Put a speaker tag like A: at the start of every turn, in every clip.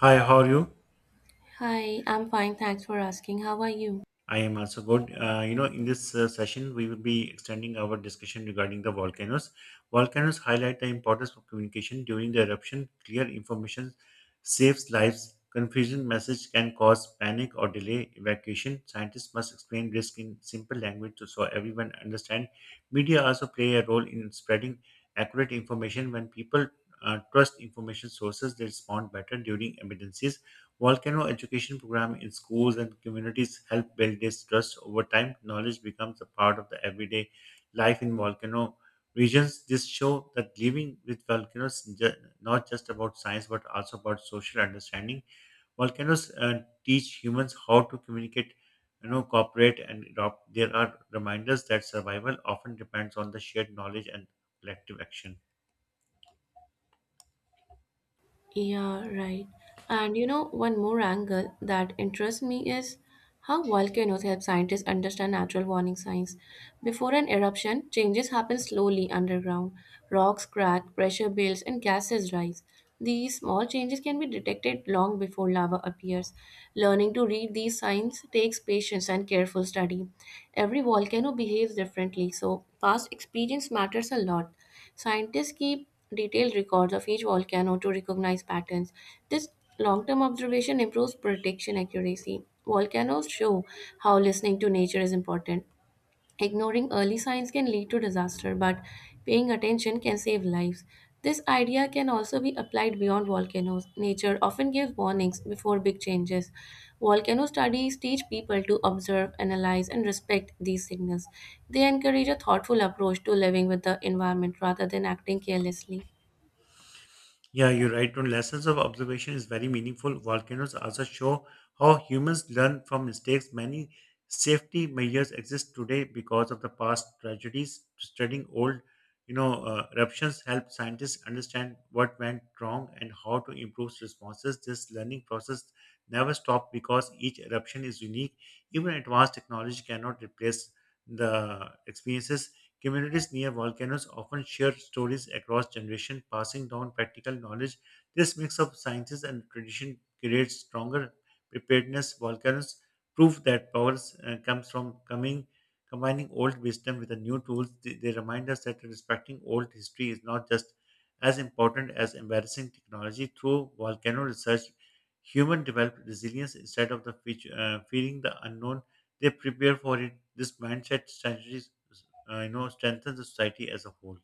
A: Hi, how are you?
B: Hi, I'm fine. Thanks for asking. How are you?
A: I am also good. In this session, we will be extending our discussion regarding the volcanoes. Volcanoes highlight the importance of communication during the eruption. Clear information saves lives. Confusion message can cause panic or delay evacuation. Scientists must explain risk in simple language so everyone understand. Media also play a role in spreading accurate information. When people trust information sources, they respond better during emergencies. Volcano education program in schools and communities help build this trust over time. Knowledge becomes a part of the everyday life in volcano regions. This show that living with volcanoes is not just about science but also about social understanding. Volcanoes teach humans how to communicate, cooperate, and adopt. There are reminders that survival often depends on the shared knowledge and collective action.
B: Yeah, right. And you know, one more angle that interests me is how volcanoes help scientists understand natural warning signs. Before an eruption, changes happen slowly underground. Rocks crack, pressure builds, and gases rise. These small changes can be detected long before lava appears. Learning to read these signs takes patience and careful study. Every volcano behaves differently, so past experience matters a lot. Scientists keep detailed records of each volcano to recognize patterns. This long term observation improves prediction accuracy. Volcanoes show how listening to nature is important. Ignoring early signs can lead to disaster, but paying attention can save lives. This idea can also be applied beyond volcanoes. Nature often gives warnings before big changes. Volcano studies teach people to observe, analyze, and respect these signals. They encourage a thoughtful approach to living with the environment rather than acting carelessly.
A: Yeah, you're right. Tone. Lessons of observation is very meaningful. Volcanoes also show how humans learn from mistakes. Many safety measures exist today because of the past tragedies. Studying old, eruptions help scientists understand what went wrong and how to improve responses. This learning process never stops because each eruption is unique. Even advanced technology cannot replace the experiences. Communities near volcanoes often share stories across generations, passing down practical knowledge. This mix of sciences and tradition creates stronger preparedness. Volcanoes prove that power comes from coming combining old wisdom with the new tools. They remind us that respecting old history is not just as important as embarrassing technology. Through volcano research, human develop resilience instead of the feature, fearing the unknown. They prepare for it. This mindset strategy strengthens the society as a whole.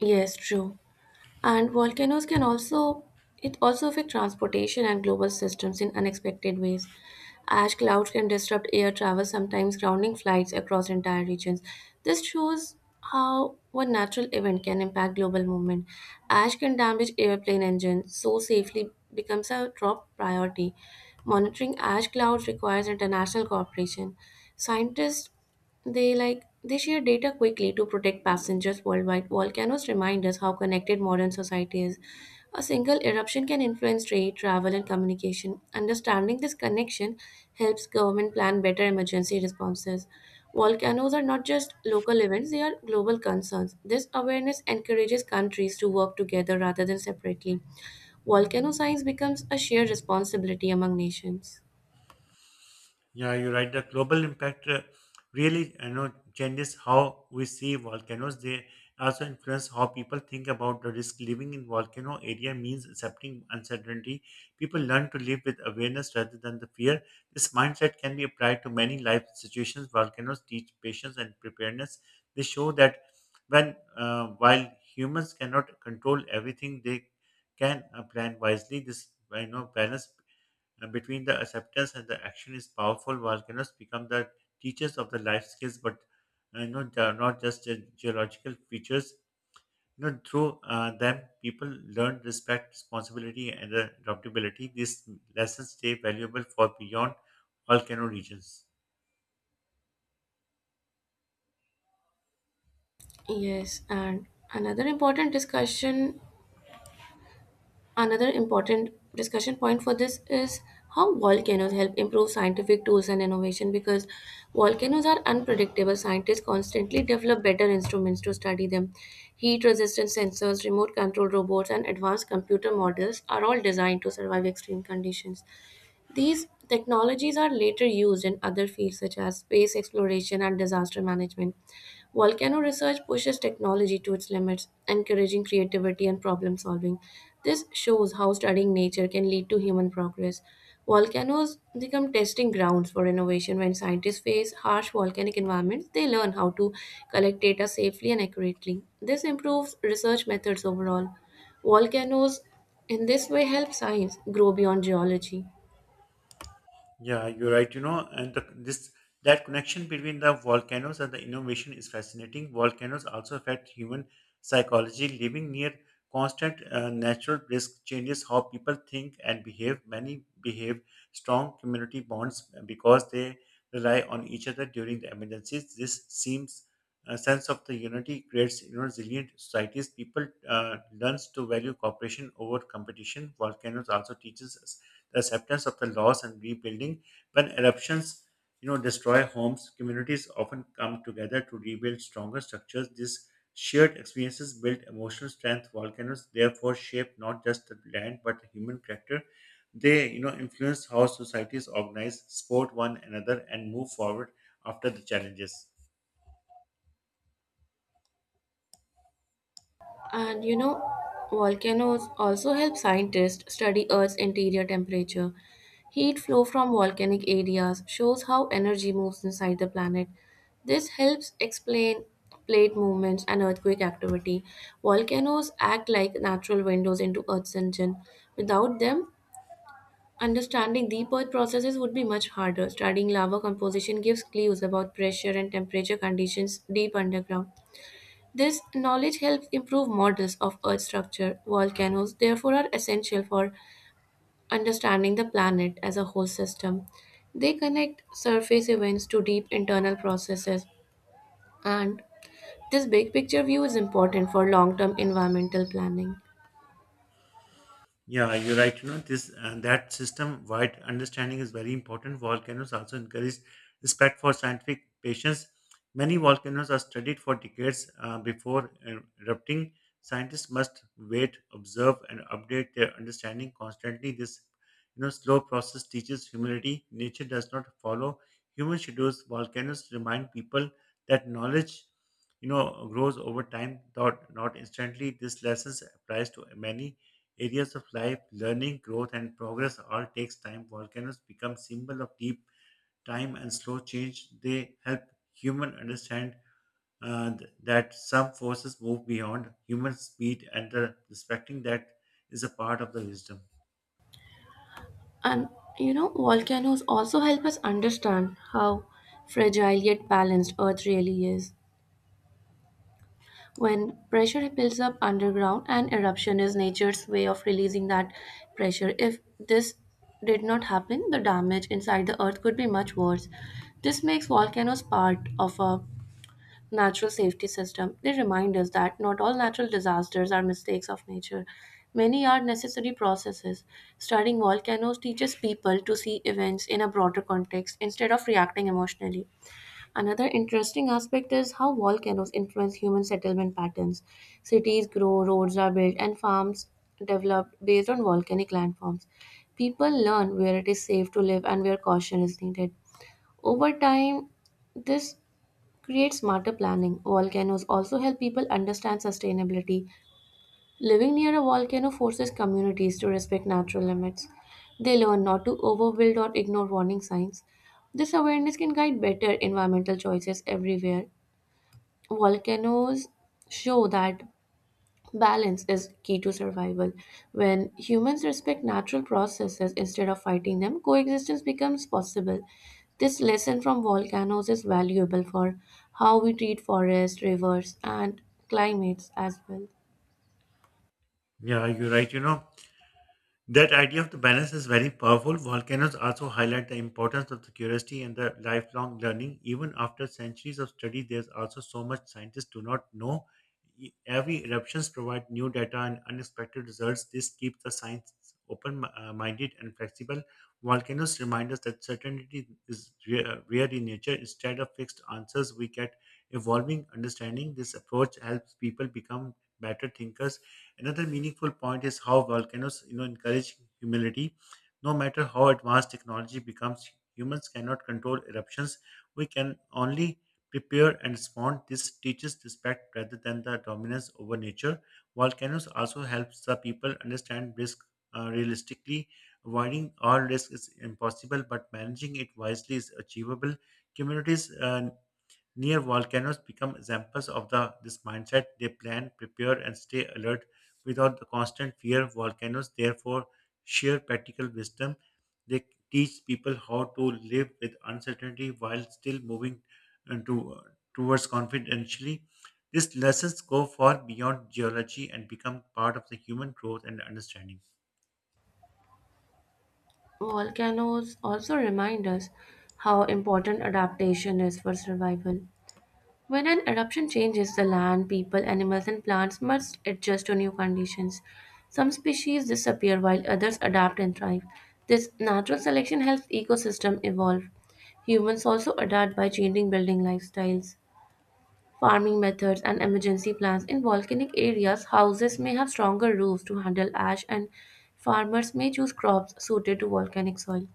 B: Yes, true. And volcanoes can also it also affect transportation and global systems in unexpected ways. Ash clouds can disrupt air travel, sometimes grounding flights across entire regions. This shows how one natural event can impact global movement. Ash can damage airplane engines, so safely becomes a top priority. Monitoring ash clouds requires international cooperation. Scientists they like they share data quickly to protect passengers worldwide. Volcanoes remind us how connected modern society is. A single eruption can influence trade, travel, and communication. Understanding this connection helps government plan better emergency responses. Volcanoes are not just local events, they are global concerns. This awareness encourages countries to work together rather than separately. Volcano science becomes a shared responsibility among nations.
A: Yeah, you're right. The global impact really changes how we see volcanoes. They also influence how people think about the risk. Living in volcano area means accepting uncertainty. People learn to live with awareness rather than the fear. This mindset can be applied to many life situations. Volcanoes teach patience and preparedness. They show that when while humans cannot control everything, they can plan wisely. This balance between the acceptance and the action is powerful. Volcanoes become the teachers of the life skills, but they are not just geological features. Through them, people learn respect, responsibility, and adaptability. These lessons stay valuable for beyond volcano regions.
B: Yes, and another important discussion another important discussion point for this is how volcanoes help improve scientific tools and innovation because volcanoes are unpredictable. Scientists constantly develop better instruments to study them. Heat resistant sensors, remote control robots, and advanced computer models are all designed to survive extreme conditions. These technologies are later used in other fields such as space exploration and disaster management. Volcano research pushes technology to its limits, encouraging creativity and problem solving. This shows how studying nature can lead to human progress. Volcanoes become testing grounds for innovation. When scientists face harsh volcanic environments, they learn how to collect data safely and accurately. This improves research methods overall. Volcanoes, in this way, help science grow beyond geology.
A: Yeah, you're right. You know, and the, this That connection between the volcanoes and the innovation is fascinating. Volcanoes also affect human psychology. Living near constant natural risk changes how people think and behave. Many behave strong community bonds because they rely on each other during the emergencies. This seems a sense of the unity creates, resilient societies. People learns to value cooperation over competition. Volcanoes also teaches us the acceptance of the loss and rebuilding. When eruptions, destroy homes, communities often come together to rebuild stronger structures. These shared experiences build emotional strength. Volcanoes therefore shape not just the land but the human character. They influence how societies organize, support one another, and move forward after the challenges.
B: And you know, volcanoes also help scientists study Earth's interior temperature. Heat flow from volcanic areas shows how energy moves inside the planet. This helps explain plate movements and earthquake activity. Volcanoes act like natural windows into Earth's engine. Without them, understanding deep Earth processes would be much harder. Studying lava composition gives clues about pressure and temperature conditions deep underground. This knowledge helps improve models of Earth structure. Volcanoes, therefore, are essential for understanding the planet as a whole system. They connect surface events to deep internal processes, and this big picture view is important for long term environmental planning.
A: Yeah, you're right. This and that system wide understanding is very important. Volcanoes also encourage respect for scientific patience. Many volcanoes are studied for decades before erupting. Scientists must wait, observe, and update their understanding constantly. This, slow process teaches humility. Nature does not follow human schedules. Volcanoes remind people that knowledge, grows over time, not instantly. This lesson applies to many areas of life, learning, growth, and progress all takes time. Volcanoes become symbol of deep time and slow change. They help human understand that some forces move beyond human speed, and respecting that is a part of the wisdom.
B: And you know, volcanoes also help us understand how fragile yet balanced Earth really is. When pressure builds up underground, an eruption is nature's way of releasing that pressure. If this did not happen, the damage inside the earth could be much worse. This makes volcanoes part of a natural safety system. They remind us that not all natural disasters are mistakes of nature. Many are necessary processes. Studying volcanoes teaches people to see events in a broader context instead of reacting emotionally. Another interesting aspect is how volcanoes influence human settlement patterns. Cities grow, roads are built, and farms develop based on volcanic landforms. People learn where it is safe to live and where caution is needed. Over time, this creates smarter planning. Volcanoes also help people understand sustainability. Living near a volcano forces communities to respect natural limits. They learn not to overbuild or ignore warning signs. This awareness can guide better environmental choices everywhere. Volcanoes show that balance is key to survival. When humans respect natural processes instead of fighting them, coexistence becomes possible. This lesson from volcanoes is valuable for how we treat forests, rivers, and climates as well.
A: Yeah, you're right. That idea of the balance is very powerful. Volcanoes also highlight the importance of the curiosity and the lifelong learning. Even after centuries of study, there's also so much scientists do not know. Every eruptions provide new data and unexpected results. This keeps the science open-minded and flexible. Volcanoes remind us that certainty is rare in nature. Instead of fixed answers, we get evolving understanding. This approach helps people become better thinkers. Another meaningful point is how volcanoes, encourage humility. No matter how advanced technology becomes, humans cannot control eruptions. We can only prepare and respond. This teaches respect rather than the dominance over nature. Volcanoes also helps the people understand risk realistically. Avoiding all risk is impossible, but managing it wisely is achievable. Communities near volcanoes become examples of the this mindset. They plan, prepare, and stay alert without the constant fear volcanoes. Therefore, sheer practical wisdom. They teach people how to live with uncertainty while still moving uh, to, uh, towards confidentially. These lessons go far beyond geology and become part of the human growth and understanding.
B: Volcanoes also remind us how important adaptation is for survival. When an eruption changes, the land, people, animals, and plants must adjust to new conditions. Some species disappear while others adapt and thrive. This natural selection helps ecosystem evolve. Humans also adapt by changing building lifestyles, farming methods, and emergency plans. In volcanic areas, houses may have stronger roofs to handle ash, and farmers may choose crops suited to volcanic soil.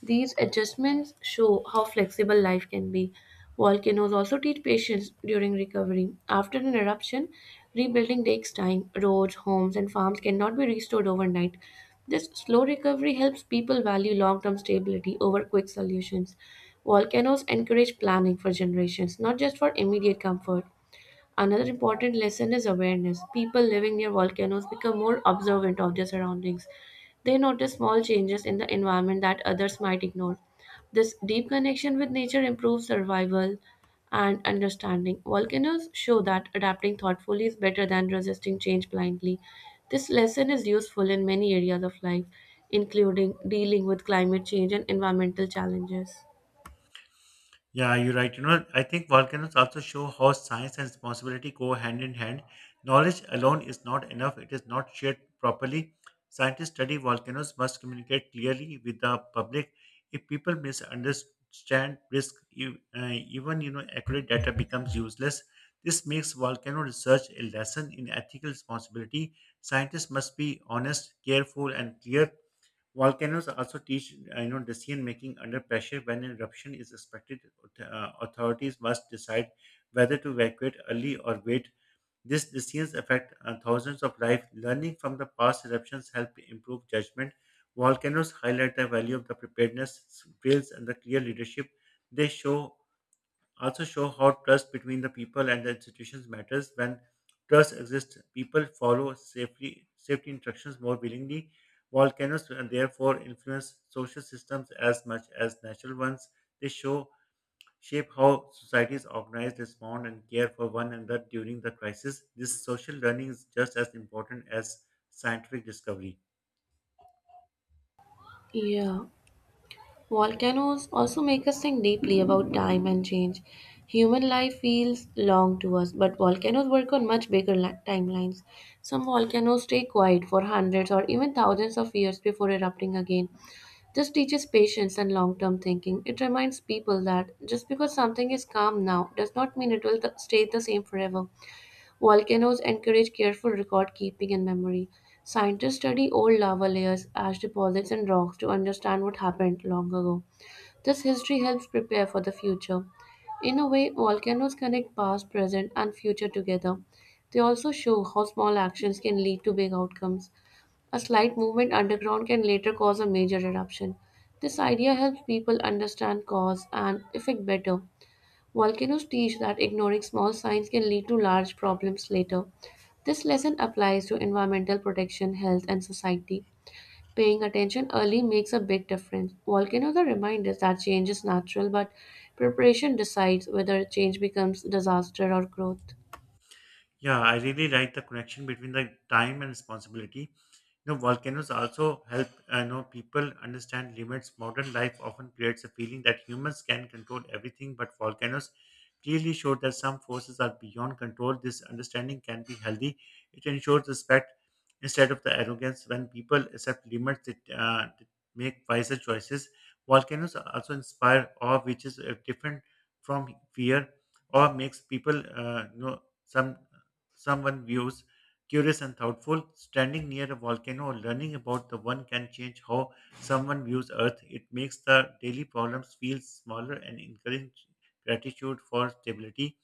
B: These adjustments show how flexible life can be. Volcanoes also teach patience during recovery. After an eruption, rebuilding takes time. Roads, homes, and farms cannot be restored overnight. This slow recovery helps people value long term stability over quick solutions. Volcanoes encourage planning for generations, not just for immediate comfort. Another important lesson is awareness. People living near volcanoes become more observant of their surroundings. They notice small changes in the environment that others might ignore. This deep connection with nature improves survival and understanding. Volcanoes show that adapting thoughtfully is better than resisting change blindly. This lesson is useful in many areas of life, including dealing with climate change and environmental challenges.
A: Yeah, you're right. I think volcanoes also show how science and responsibility go hand in hand. Knowledge alone is not enough, it is not shared properly. Scientists study volcanoes must communicate clearly with the public. If people misunderstand risk, even accurate data becomes useless. This makes volcano research a lesson in ethical responsibility. Scientists must be honest, careful, and clear. Volcanoes also teach, decision making under pressure. When an eruption is expected, authorities must decide whether to evacuate early or wait. These decisions affect thousands of lives. Learning from the past eruptions help improve judgment. Volcanoes highlight the value of the preparedness, skills, and the clear leadership. They show also show how trust between the people and the institutions matters. When trust exists, people follow safely safety instructions more willingly. Volcanoes therefore influence social systems as much as natural ones. They show shape how societies organize, respond, and care for one another during the crisis. This social learning is just as important as scientific discovery.
B: Yeah. Volcanoes also make us think deeply about time and change. Human life feels long to us, but volcanoes work on much bigger timelines. Some volcanoes stay quiet for hundreds or even thousands of years before erupting again. This teaches patience and long term thinking. It reminds people that just because something is calm now does not mean it will stay the same forever. Volcanoes encourage careful record keeping and memory. Scientists study old lava layers, ash deposits, and rocks to understand what happened long ago. This history helps prepare for the future. In a way, volcanoes connect past, present, and future together. They also show how small actions can lead to big outcomes. A slight movement underground can later cause a major eruption. This idea helps people understand cause and effect better. Volcanoes teach that ignoring small signs can lead to large problems later. This lesson applies to environmental protection, health, and society. Paying attention early makes a big difference. Volcanoes are reminders that change is natural, but preparation decides whether change becomes disaster or growth.
A: Yeah, I really like the connection between the time and responsibility. Volcanoes also help I know people understand limits. Modern life often creates a feeling that humans can control everything, but volcanoes clearly show that some forces are beyond control. This understanding can be healthy. It ensures respect instead of the arrogance. When people accept limits, it they make wiser choices. Volcanoes also inspire awe, which is different from fear, or makes people someone views curious and thoughtful. Standing near a volcano or learning about the one can change how someone views Earth. It makes the daily problems feel smaller and encourage gratitude for stability.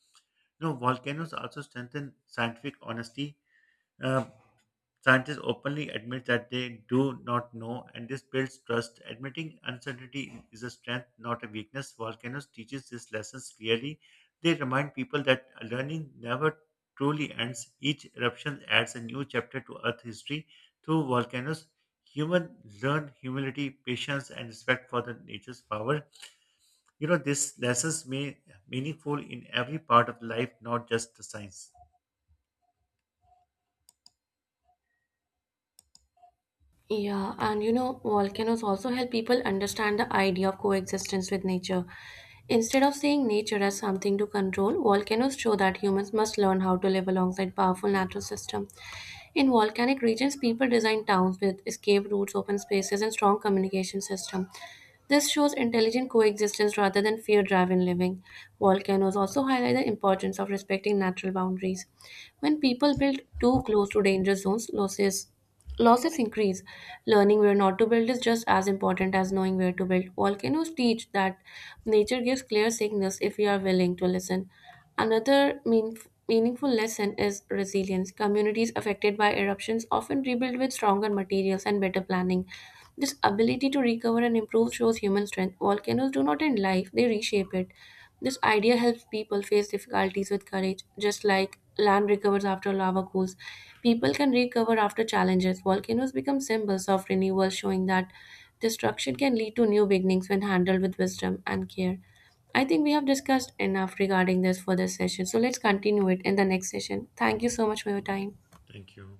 A: Volcanoes also strengthen scientific honesty. Uh, Scientists openly admit that they do not know, and this builds trust. Admitting uncertainty is a strength, not a weakness. Volcanoes teaches these lessons clearly. They remind people that learning never truly ends. Each eruption adds a new chapter to Earth history. Through volcanoes, human learn humility, patience, and respect for the nature's power. These lessons may meaningful in every part of life, not just the science.
B: Yeah, and you know, volcanoes also help people understand the idea of coexistence with nature. Instead of seeing nature as something to control, volcanoes show that humans must learn how to live alongside powerful natural systems. In volcanic regions, people design towns with escape routes, open spaces, and strong communication system. This shows intelligent coexistence rather than fear-driven living. Volcanoes also highlight the importance of respecting natural boundaries. When people build too close to danger zones, losses increase. Learning where not to build is just as important as knowing where to build. Volcanoes teach that nature gives clear signals if we are willing to listen. Another mean, meaningful lesson is resilience. Communities affected by eruptions often rebuild with stronger materials and better planning. This ability to recover and improve shows human strength. Volcanoes do not end life, they reshape it. This idea helps people face difficulties with courage, just like land recovers after lava cools. People can recover after challenges. Volcanoes become symbols of renewal, showing that destruction can lead to new beginnings when handled with wisdom and care. I think we have discussed enough regarding this for this session, so let's continue it in the next session. Thank you so much for your time.
A: Thank you.